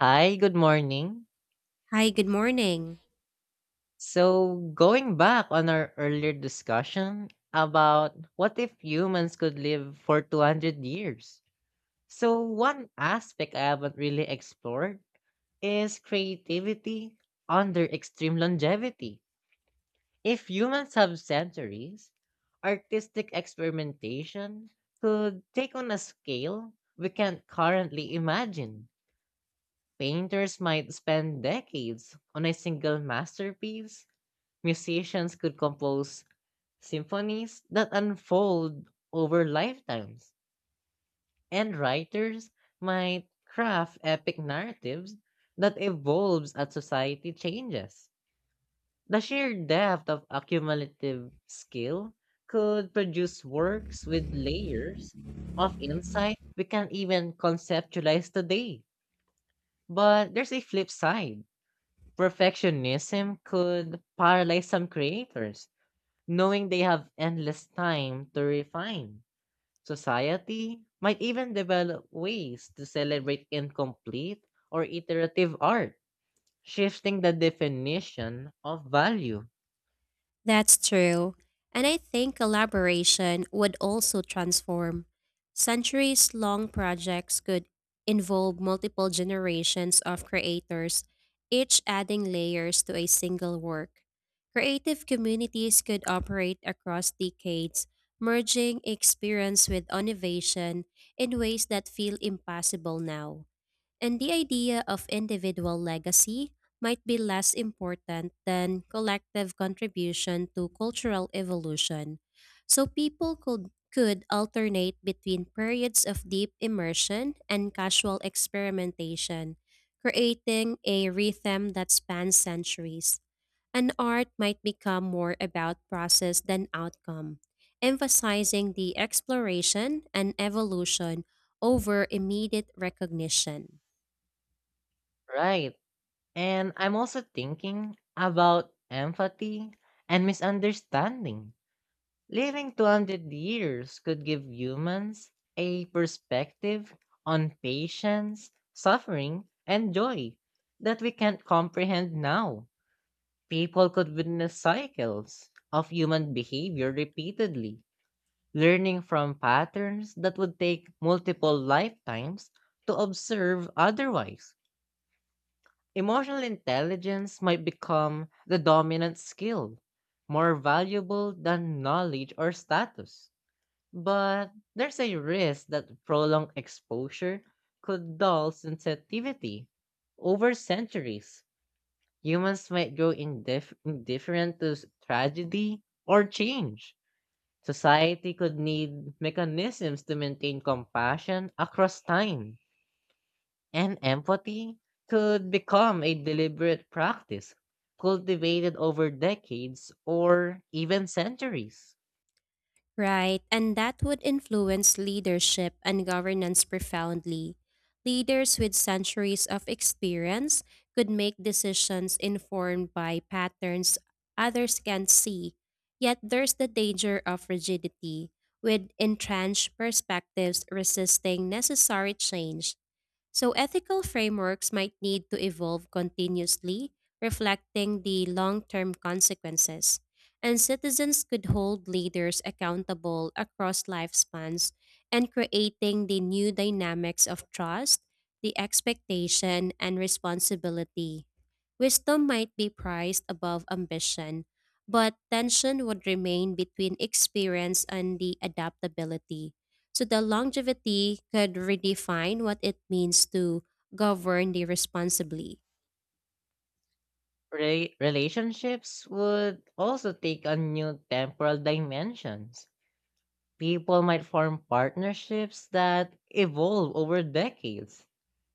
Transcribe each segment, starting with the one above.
Hi, good morning. Hi, good morning. So, going back on our earlier discussion about what if humans could live for 200 years? So, one aspect I haven't really explored is creativity under extreme longevity. If humans have centuries, artistic experimentation could take on a scale we can't currently imagine. Painters might spend decades on a single masterpiece, musicians could compose symphonies that unfold over lifetimes, and writers might craft epic narratives that evolves as society changes. The sheer depth of accumulative skill could produce works with layers of insight we can't even conceptualize today. But there's a flip side. Perfectionism could paralyze some creators knowing they have endless time to refine. Society might even develop ways to celebrate incomplete or iterative art, shifting the definition of value. That's true. And I think collaboration would also transform. Centuries long projects could involve multiple generations of creators, each adding layers to a single work. Creative communities could operate across decades, merging experience with innovation in ways that feel impossible now. And the idea of individual legacy might be less important than collective contribution to cultural evolution. So people could alternate between periods of deep immersion and casual experimentation, creating a rhythm that spans centuries. An art might become more about process than outcome, emphasizing the exploration and evolution over immediate recognition. Right. And I'm also thinking about empathy and misunderstanding. Living 200 years could give humans a perspective on patience, suffering, and joy that we can't comprehend now. People could witness cycles of human behavior repeatedly, learning from patterns that would take multiple lifetimes to observe otherwise. Emotional intelligence might become the dominant skill, more valuable than knowledge or status. But there's a risk that prolonged exposure could dull sensitivity over centuries. Humans might grow indifferent to tragedy or change. Society could need mechanisms to maintain compassion across time, and empathy could become a deliberate practice cultivated over decades or even centuries. Right, and that would influence leadership and governance profoundly. Leaders with centuries of experience could make decisions informed by patterns others can't see. Yet there's the danger of rigidity, with entrenched perspectives resisting necessary change. So ethical frameworks might need to evolve continuously, reflecting the long term consequences. And citizens could hold leaders accountable across lifespans and creating the new dynamics of trust, the expectation, and responsibility. Wisdom might be prized above ambition, but tension would remain between experience and the adaptability. So the longevity could redefine what it means to govern the responsibly, Relationships would also take on new temporal dimensions. People might form partnerships that evolve over decades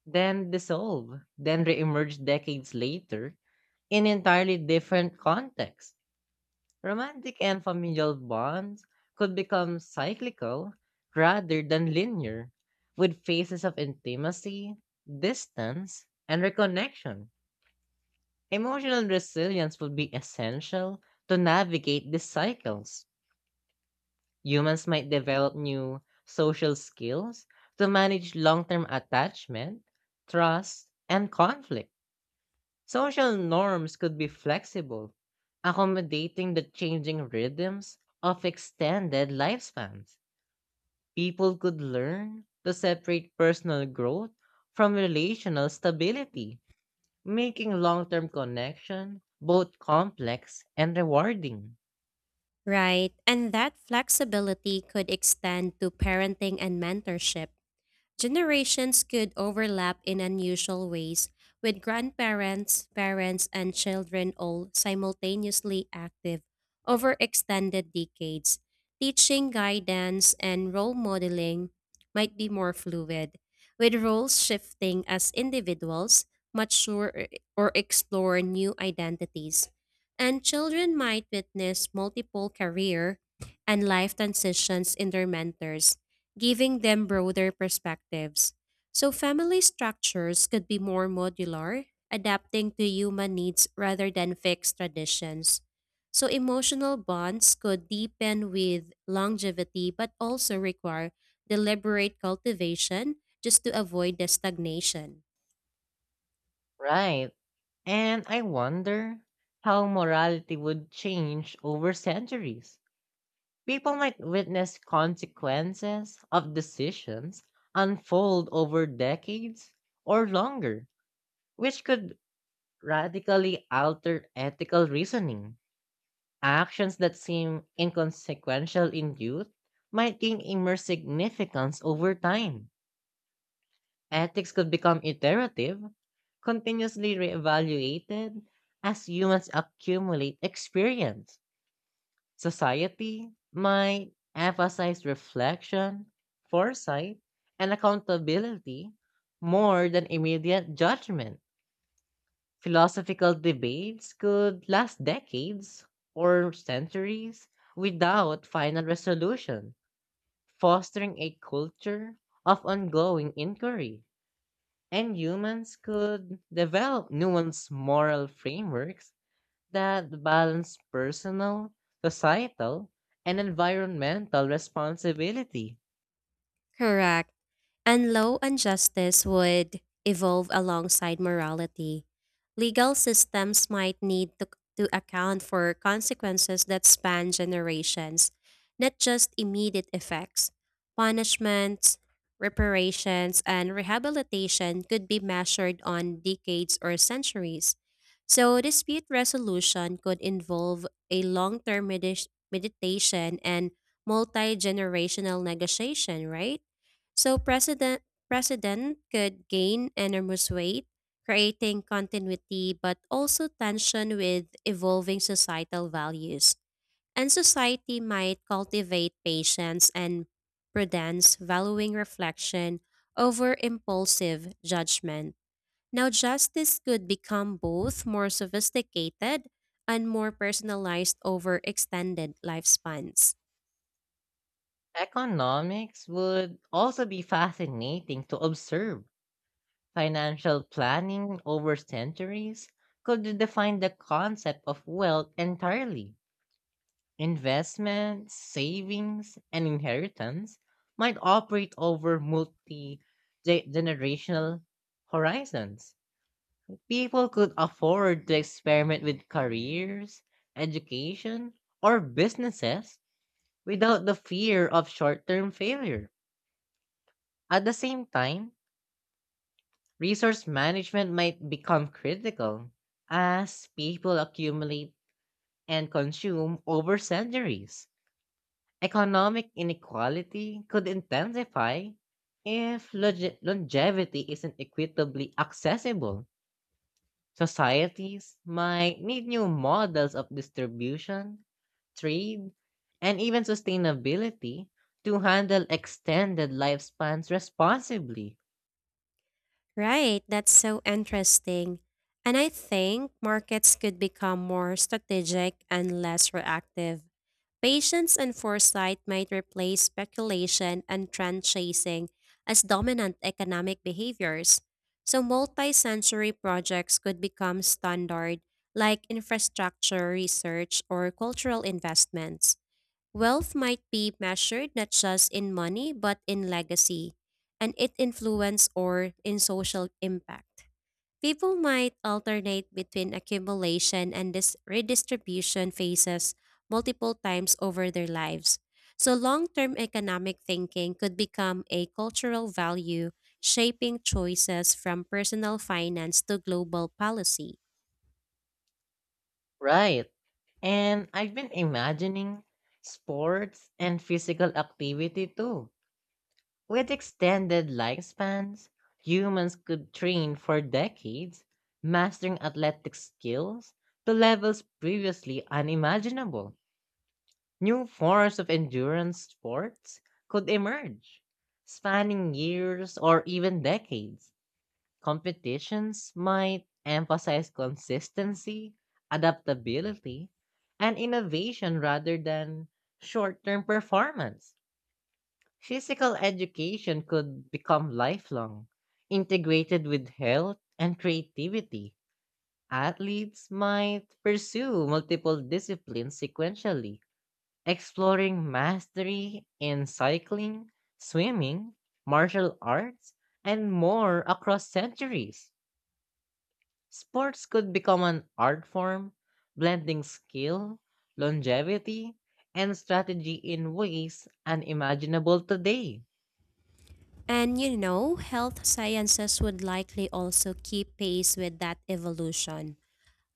then dissolve, then reemerge decades later in entirely different contexts. Romantic and familial bonds could become cyclical rather than linear, with phases of intimacy, distance, and reconnection. Emotional resilience would be essential to navigate these cycles. Humans might develop new social skills to manage long term attachment, trust, and conflict. Social norms could be flexible, accommodating the changing rhythms of extended lifespans. People could learn to separate personal growth from relational stability, making long term connection both complex and rewarding. right? And that flexibility could extend to parenting and mentorship. Generations could overlap in unusual ways, with grandparents, parents, and children all simultaneously active over extended decades. Teaching guidance and role modeling might be more fluid, with roles shifting as individuals mature or explore new identities. And children might witness multiple career and life transitions in their mentors giving them broader perspectives. So family structures could be more modular, adapting to human needs rather than fixed traditions. So emotional bonds could deepen with longevity but also require deliberate cultivation just to avoid the stagnation. Right. And I wonder how morality would change over centuries. People might witness consequences of decisions unfold over decades or longer, which could radically alter ethical reasoning. Actions that seem inconsequential in youth might gain immense significance over time. Ethics could become iterative, continuously reevaluated as humans accumulate experience. Society might emphasize reflection, foresight, and accountability more than immediate judgment. Philosophical debates could last decades or centuries without final resolution, fostering a culture of ongoing inquiry. And humans could develop nuanced moral frameworks that balance personal, societal, and environmental responsibility. Correct. And law and justice would evolve alongside morality. Legal systems might need to account for consequences that span generations, not just immediate effects. Punishments, reparations, and rehabilitation could be measured on decades or centuries. So dispute resolution could involve a long term meditation and multi generational negotiation, right? So president could gain enormous weight, creating continuity but also tension with evolving societal values. And society might cultivate patience and prudence, valuing reflection over impulsive judgment. Now justice could become both more sophisticated and more personalized over extended lifespans. Economics would also be fascinating to observe. Financial planning over centuries could define the concept of wealth entirely. Investments, savings, and inheritance might operate over multi generational horizons. People could afford to experiment with careers, education, or businesses without the fear of short term failure. At the same time, resource management might become critical as people accumulate and consume over centuries. Economic inequality could intensify if longevity isn't equitably accessible. Societies might need new models of distribution, trade, and even sustainability to handle extended lifespans responsibly. Right, that's so interesting. And I think markets could become more strategic and less reactive. Patience and foresight might replace speculation and trend chasing as dominant economic behaviors. So multi sensory projects could become standard, like infrastructure research or cultural investments. Wealth might be measured not just in money, but in legacy, and its influence or in social impact. People might alternate between accumulation and this redistribution phases multiple times over their lives. So long term economic thinking could become a cultural value, shaping choices from personal finance to global policy. Right. And I've been imagining sports and physical activity too. With extended lifespans, humans could train for decades, mastering athletic skills to levels previously unimaginable. New forms of endurance sports could emerge, spanning years or even decades. Competitions might emphasize consistency, adaptability, and innovation rather than short term performance. Physical education could become lifelong, integrated with health and creativity. Athletes might pursue multiple disciplines sequentially, exploring mastery in cycling, swimming, martial arts, and more across centuries. Sports could become an art form, blending skill, longevity, and strategy in ways unimaginable today. And you know, health sciences would likely also keep pace with that evolution.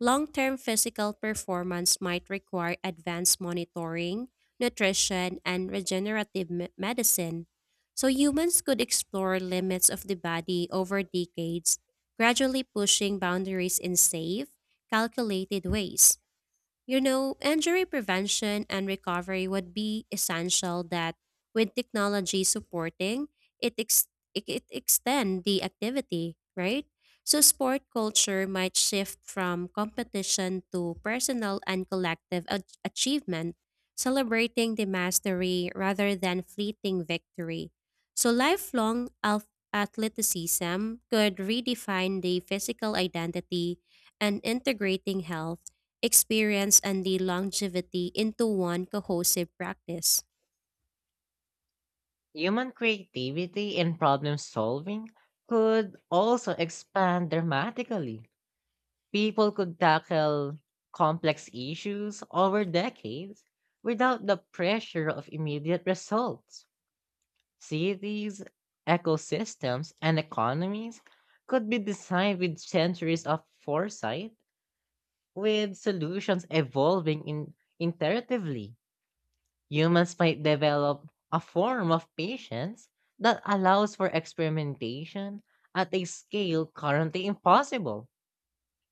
Long term physical performance might require advanced monitoring, nutrition, and regenerative medicine. So humans could explore limits of the body over decades, gradually pushing boundaries in safe, calculated ways. You know, injury prevention and recovery would be essential that with technology supporting, it ex- it extend the activity, right? So sport culture might shift from competition to personal and collective achievement, celebrating the mastery rather than fleeting victory. So lifelong athleticism could redefine the physical identity and integrating health experience and the longevity into one cohesive practice. Human creativity in problem solving could also expand dramatically. People could tackle complex issues over decades without the pressure of immediate results. Cities, ecosystems, and economies could be designed with centuries of foresight, with solutions evolving in iteratively. Humans might develop a form of patience that allows for experimentation at a scale currently impossible.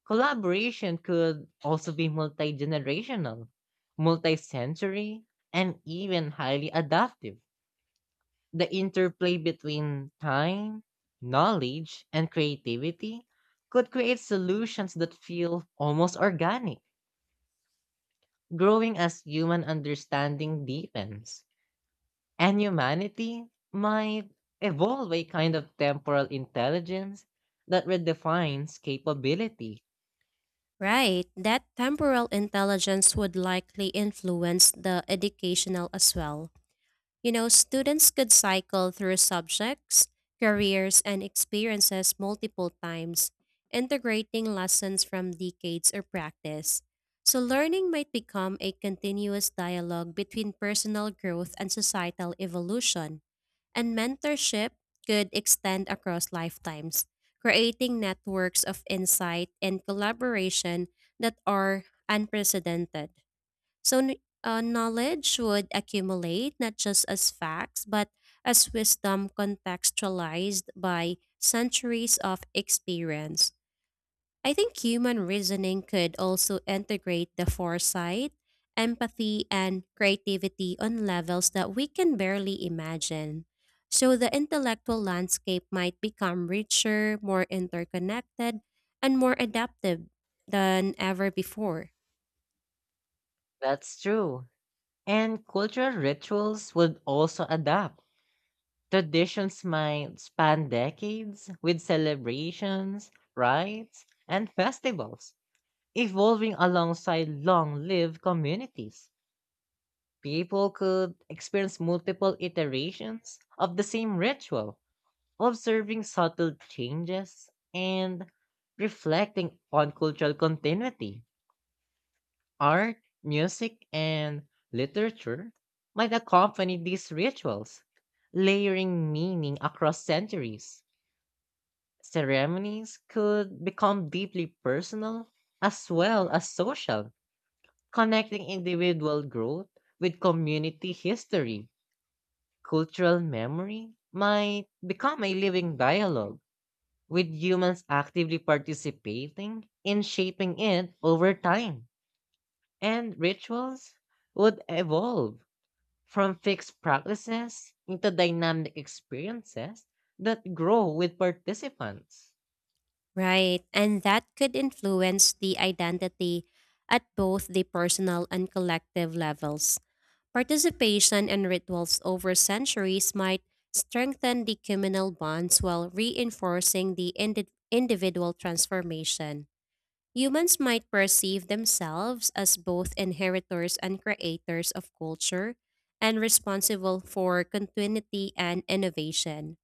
Collaboration could also be multi generational, multi sensory, and even highly adaptive. The interplay between time, knowledge, and creativity could create solutions that feel almost organic, growing as human understanding deepens. And humanity might evolve a kind of temporal intelligence that redefines capability. Right, that temporal intelligence would likely influence the educational as well. You know, students could cycle through subjects, careers, and experiences multiple times, integrating lessons from decades of practice. So learning might become a continuous dialogue between personal growth and societal evolution, and mentorship could extend across lifetimes, creating networks of insight and collaboration that are unprecedented. So, knowledge would accumulate not just as facts, but as wisdom contextualized by centuries of experience. I think human reasoning could also integrate the foresight, empathy, and creativity on levels that we can barely imagine. So the intellectual landscape might become richer, more interconnected, and more adaptive than ever before. That's true. And cultural rituals would also adapt. Traditions might span decades with celebrations, rites, and festivals, evolving alongside long lived communities. People could experience multiple iterations of the same ritual, observing subtle changes and reflecting on cultural continuity. Art, music, and literature might accompany these rituals, layering meaning across centuries. Ceremonies could become deeply personal as well as social, connecting individual growth with community history. Cultural memory might become a living dialogue, with humans actively participating in shaping it over time. And rituals would evolve from fixed practices into dynamic experiences that grow with participants. Right, and that could influence the identity at both the personal and collective levels. Participation in rituals over centuries might strengthen the communal bonds while reinforcing the individual transformation. Humans might perceive themselves as both inheritors and creators of culture and responsible for continuity and innovation.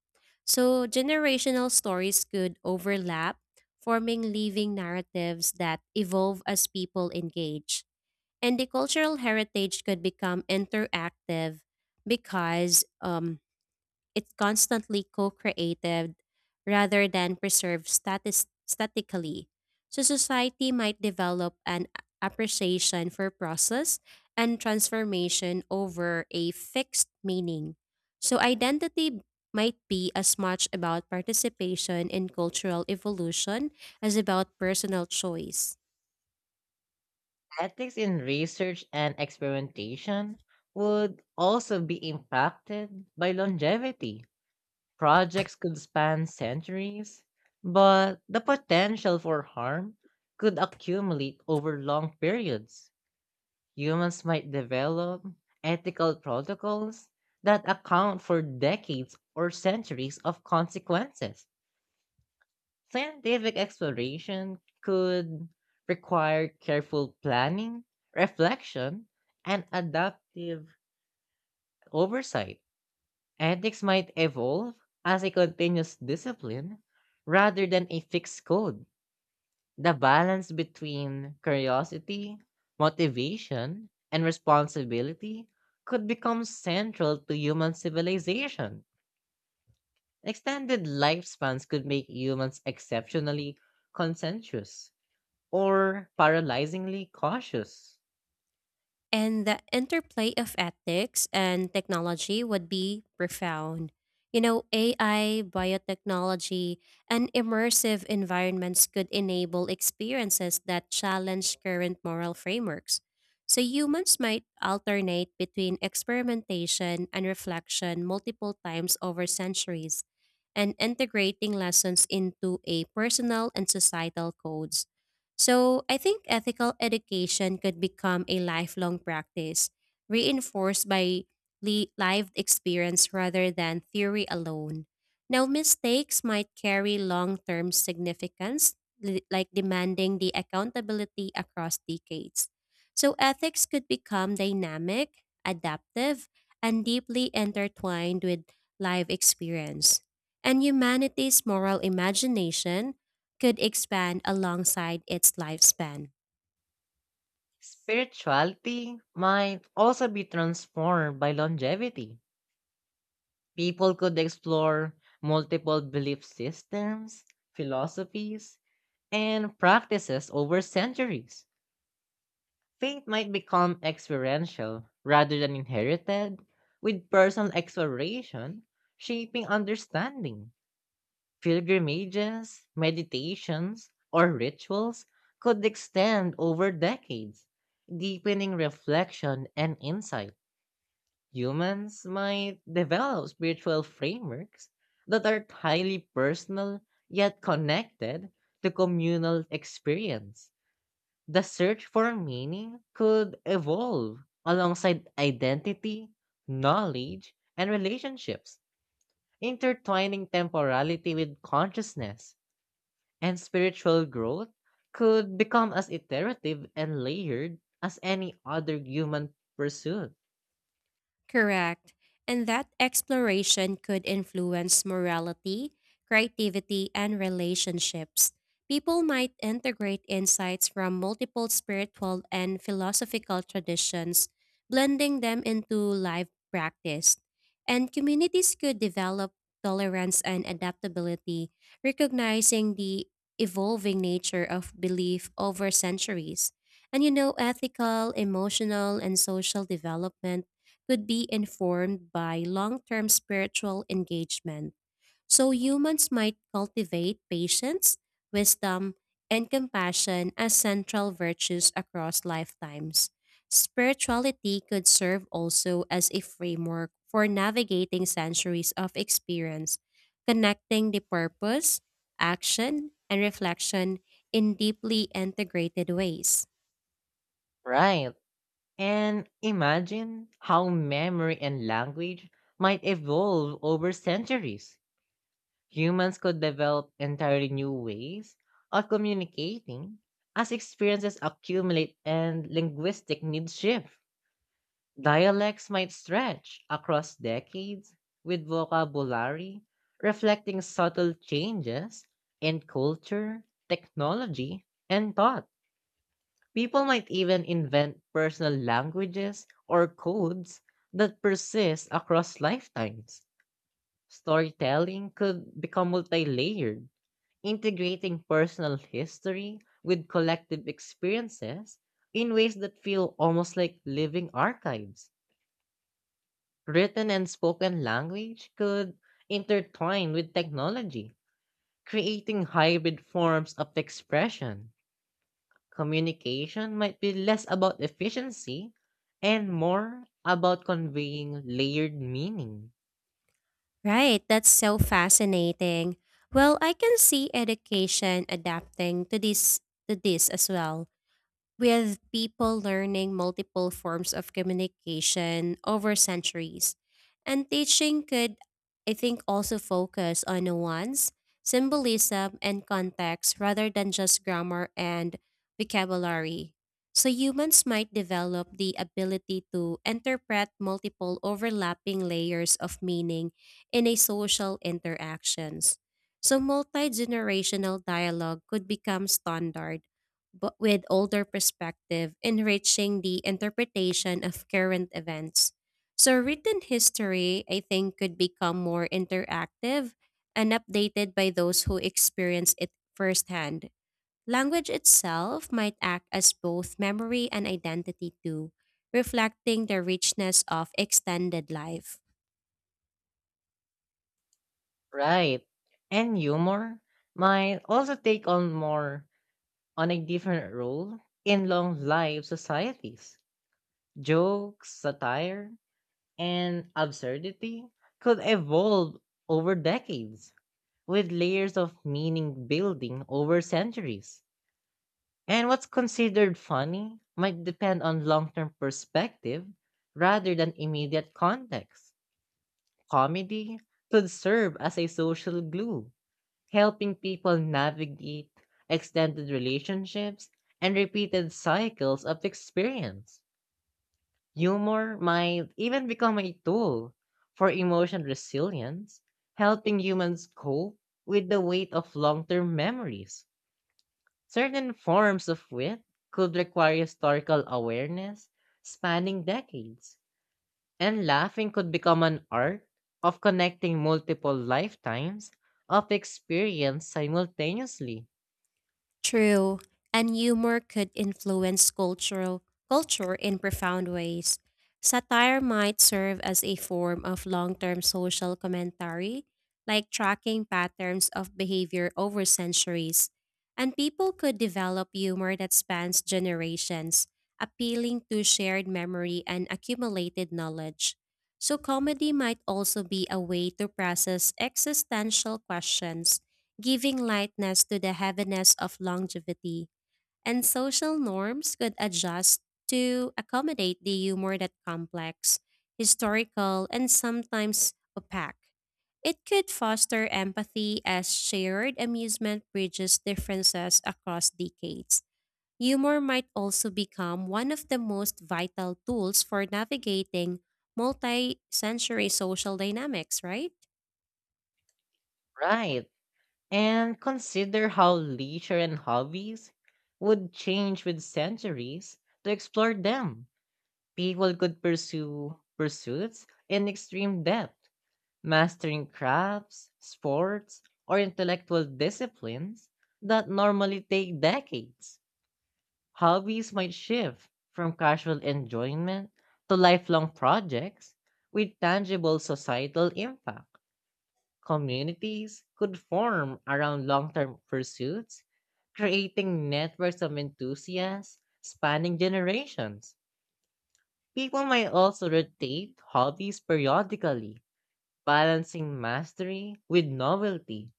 So generational stories could overlap, forming living narratives that evolve as people engage. And the cultural heritage could become interactive because it's constantly co-created rather than preserved statically. So society might develop an appreciation for process and transformation over a fixed meaning. So identity might be as much about participation in cultural evolution as about personal choice. Ethics in research and experimentation would also be impacted by longevity. Projects could span centuries, but the potential for harm could accumulate over long periods. Humans might develop ethical protocols that account for decades or centuries of consequences. Scientific exploration could require careful planning, reflection, and adaptive oversight. Ethics might evolve as a continuous discipline rather than a fixed code. The balance between curiosity, motivation, and responsibility could become central to human civilization. Extended lifespans could make humans exceptionally conscientious or paralyzingly cautious. And the interplay of ethics and technology would be profound. You know, AI, biotechnology, and immersive environments could enable experiences that challenge current moral frameworks. So humans might alternate between experimentation and reflection multiple times over centuries and integrating lessons into a personal and societal codes. So I think ethical education could become a lifelong practice, reinforced by lived experience rather than theory alone. Now, mistakes might carry long term significance, like demanding the accountability across decades. So ethics could become dynamic, adaptive, and deeply intertwined with life experience and humanity's moral imagination could expand alongside its lifespan. Spirituality might also be transformed by longevity. People could explore multiple belief systems, philosophies, and practices over centuries. Faith might become experiential rather than inherited, with personal exploration shaping understanding. Pilgrimages, meditations, or rituals could extend over decades, deepening reflection and insight. Humans might develop spiritual frameworks that are highly personal yet connected to communal experience. The search for meaning could evolve alongside identity, knowledge, and relationships, intertwining temporality with consciousness, and spiritual growth could become as iterative and layered as any other human pursuit. Correct. And that exploration could influence morality, creativity, and relationships. People might integrate insights from multiple spiritual and philosophical traditions, blending them into life practice. And communities could develop tolerance and adaptability, recognizing the evolving nature of belief over centuries. And you know, ethical, emotional, and social development could be informed by long term spiritual engagement. So humans might cultivate patience, wisdom, and compassion as central virtues across lifetimes. Spirituality could serve also as a framework for navigating centuries of experience, connecting the purpose, action, and reflection in deeply integrated ways. Right. And imagine how memory and language might evolve over centuries. Humans could develop entirely new ways of communicating as experiences accumulate and linguistic needs shift. Dialects might stretch across decades with vocabulary reflecting subtle changes in culture, technology, and thought. People might even invent personal languages or codes that persist across lifetimes. Storytelling could become multi-layered, integrating personal history with collective experiences in ways that feel almost like living archives. Written and spoken language could intertwine with technology, creating hybrid forms of expression. Communication might be less about efficiency and more about conveying layered meaning. Right, that's so fascinating. Well, I can see education adapting to this as well with people learning multiple forms of communication over centuries. And teaching could, I think, also focus on nuance, symbolism, and context rather than just grammar and vocabulary. So humans might develop the ability to interpret multiple overlapping layers of meaning in a social interactions. So multi-generational dialogue could become standard but with older perspective, enriching the interpretation of current events. So written history, I think, could become more interactive and updated by those who experience it firsthand. Language itself might act as both memory and identity, too, reflecting the richness of extended life. Right. And humor might also take on more on a different role in long live societies. Jokes, satire, and absurdity could evolve over decades with layers of meaning building over centuries. And what's considered funny might depend on long term perspective rather than immediate context. Comedy could serve as a social glue, helping people navigate extended relationships and repeated cycles of experience. Humor might even become a tool for emotional resilience, helping humans cope with the weight of long term memories. Certain forms of wit could require historical awareness spanning decades, and laughing could become an art of connecting multiple lifetimes of experience simultaneously. True, and humor could influence cultural culture in profound ways. Satire might serve as a form of long-term social commentary, like tracking patterns of behavior over centuries. And people could develop humor that spans generations, appealing to shared memory and accumulated knowledge. So comedy might also be a way to process existential questions giving lightness to the heaviness of longevity, and social norms could adjust to accommodate the humor that complex, historical, and sometimes opaque. It could foster empathy as shared amusement bridges differences across decades. Humor might also become one of the most vital tools for navigating multi century social dynamics, right? Right. And consider how leisure and hobbies would change with centuries to explore them. People could pursue pursuits in extreme depth, mastering crafts, sports, or intellectual disciplines that normally take decades. Hobbies might shift from casual enjoyment to lifelong projects with tangible societal impact. Communities could form around long term pursuits, creating networks of enthusiasts spanning generations. People might also rotate hobbies periodically, balancing mastery with novelty,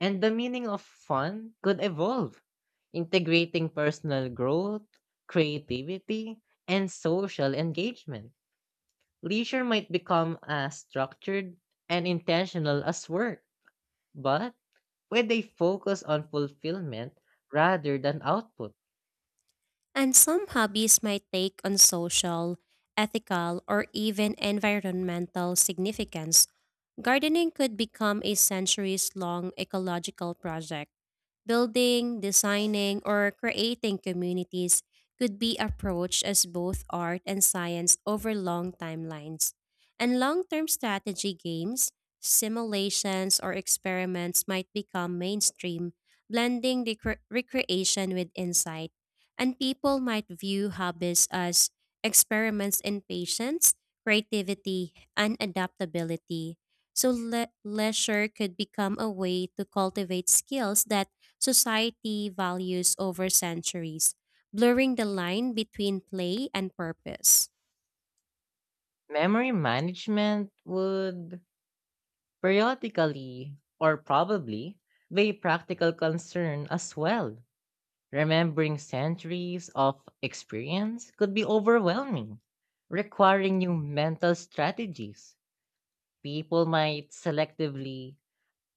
and the meaning of fun could evolve, integrating personal growth, creativity, and social engagement. Leisure might become as structured and intentional as work, but where they focus on fulfillment rather than output. And some hobbies might take on social, ethical, or even environmental significance. Gardening could become a centuries long ecological project. Building, designing, or creating communities could be approached as both art and science over long timelines. And long term strategy games, simulations, or experiments might become mainstream, blending the recreation with insight. And people might view hobbies as experiments in patience, creativity, and adaptability. So leisure could become a way to cultivate skills that society values over centuries, blurring the line between play and purpose. Memory management would periodically or probably be a practical concern as well. Remembering centuries of experience could be overwhelming, requiring new mental strategies. People might selectively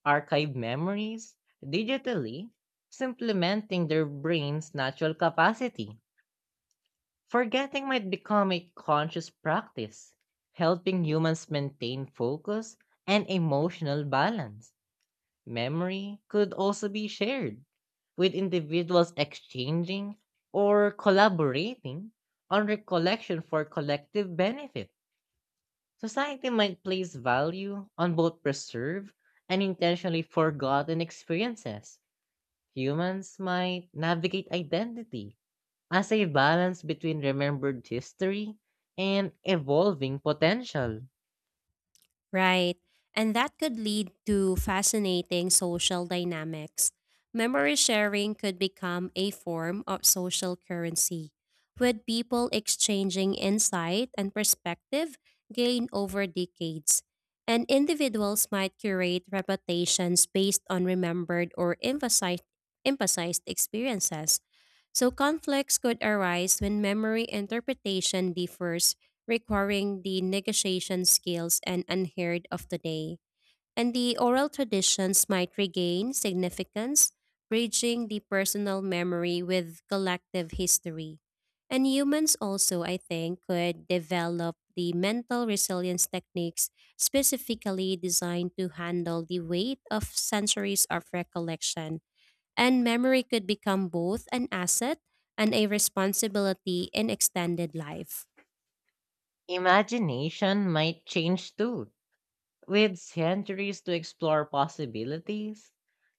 archive memories digitally, supplementing their brain's natural capacity. Forgetting might become a conscious practice, helping humans maintain focus and emotional balance. Memory could also be shared, with individuals exchanging or collaborating on recollection for collective benefit. Society might place value on both preserved and intentionally forgotten experiences. Humans might navigate identity as a balance between remembered history and evolving potential. Right. And that could lead to fascinating social dynamics. Memory sharing could become a form of social currency, with people exchanging insight and perspective gained over decades. And individuals might curate reputations based on remembered or emphasized experiences. So conflicts could arise when memory interpretation differs, requiring the negotiation skills and unheard of today. And the oral traditions might regain significance, bridging the personal memory with collective history. And humans also, I think, could develop the mental resilience techniques specifically designed to handle the weight of centuries of recollection and memory could become both an asset and a responsibility in extended life. Imagination might change too. With centuries to explore possibilities,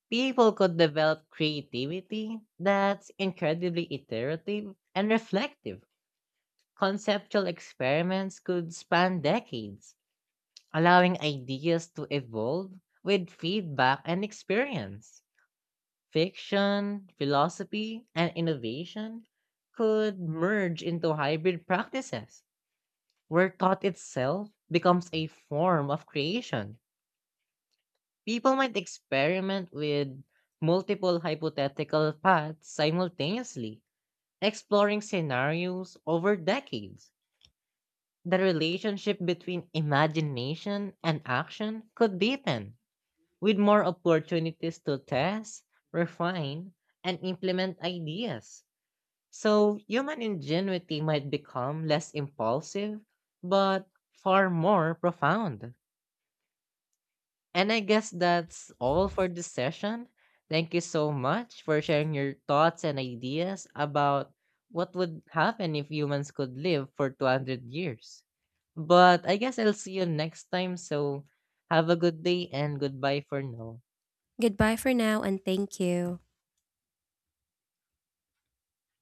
people could develop creativity that's incredibly iterative and reflective. Conceptual experiments could span decades, allowing ideas to evolve with feedback and experience. Fiction, philosophy, and innovation could merge into hybrid practices where thought itself becomes a form of creation. People might experiment with multiple hypothetical paths simultaneously, exploring scenarios over decades. The relationship between imagination and action could deepen, with more opportunities to test, refine, and implement ideas. So, human ingenuity might become less impulsive, but far more profound. And I guess that's all for this session. Thank you so much for sharing your thoughts and ideas about what would happen if humans could live for 200. But I guess I'll see you next time. So have a good day and goodbye for now. Goodbye for now and thank you.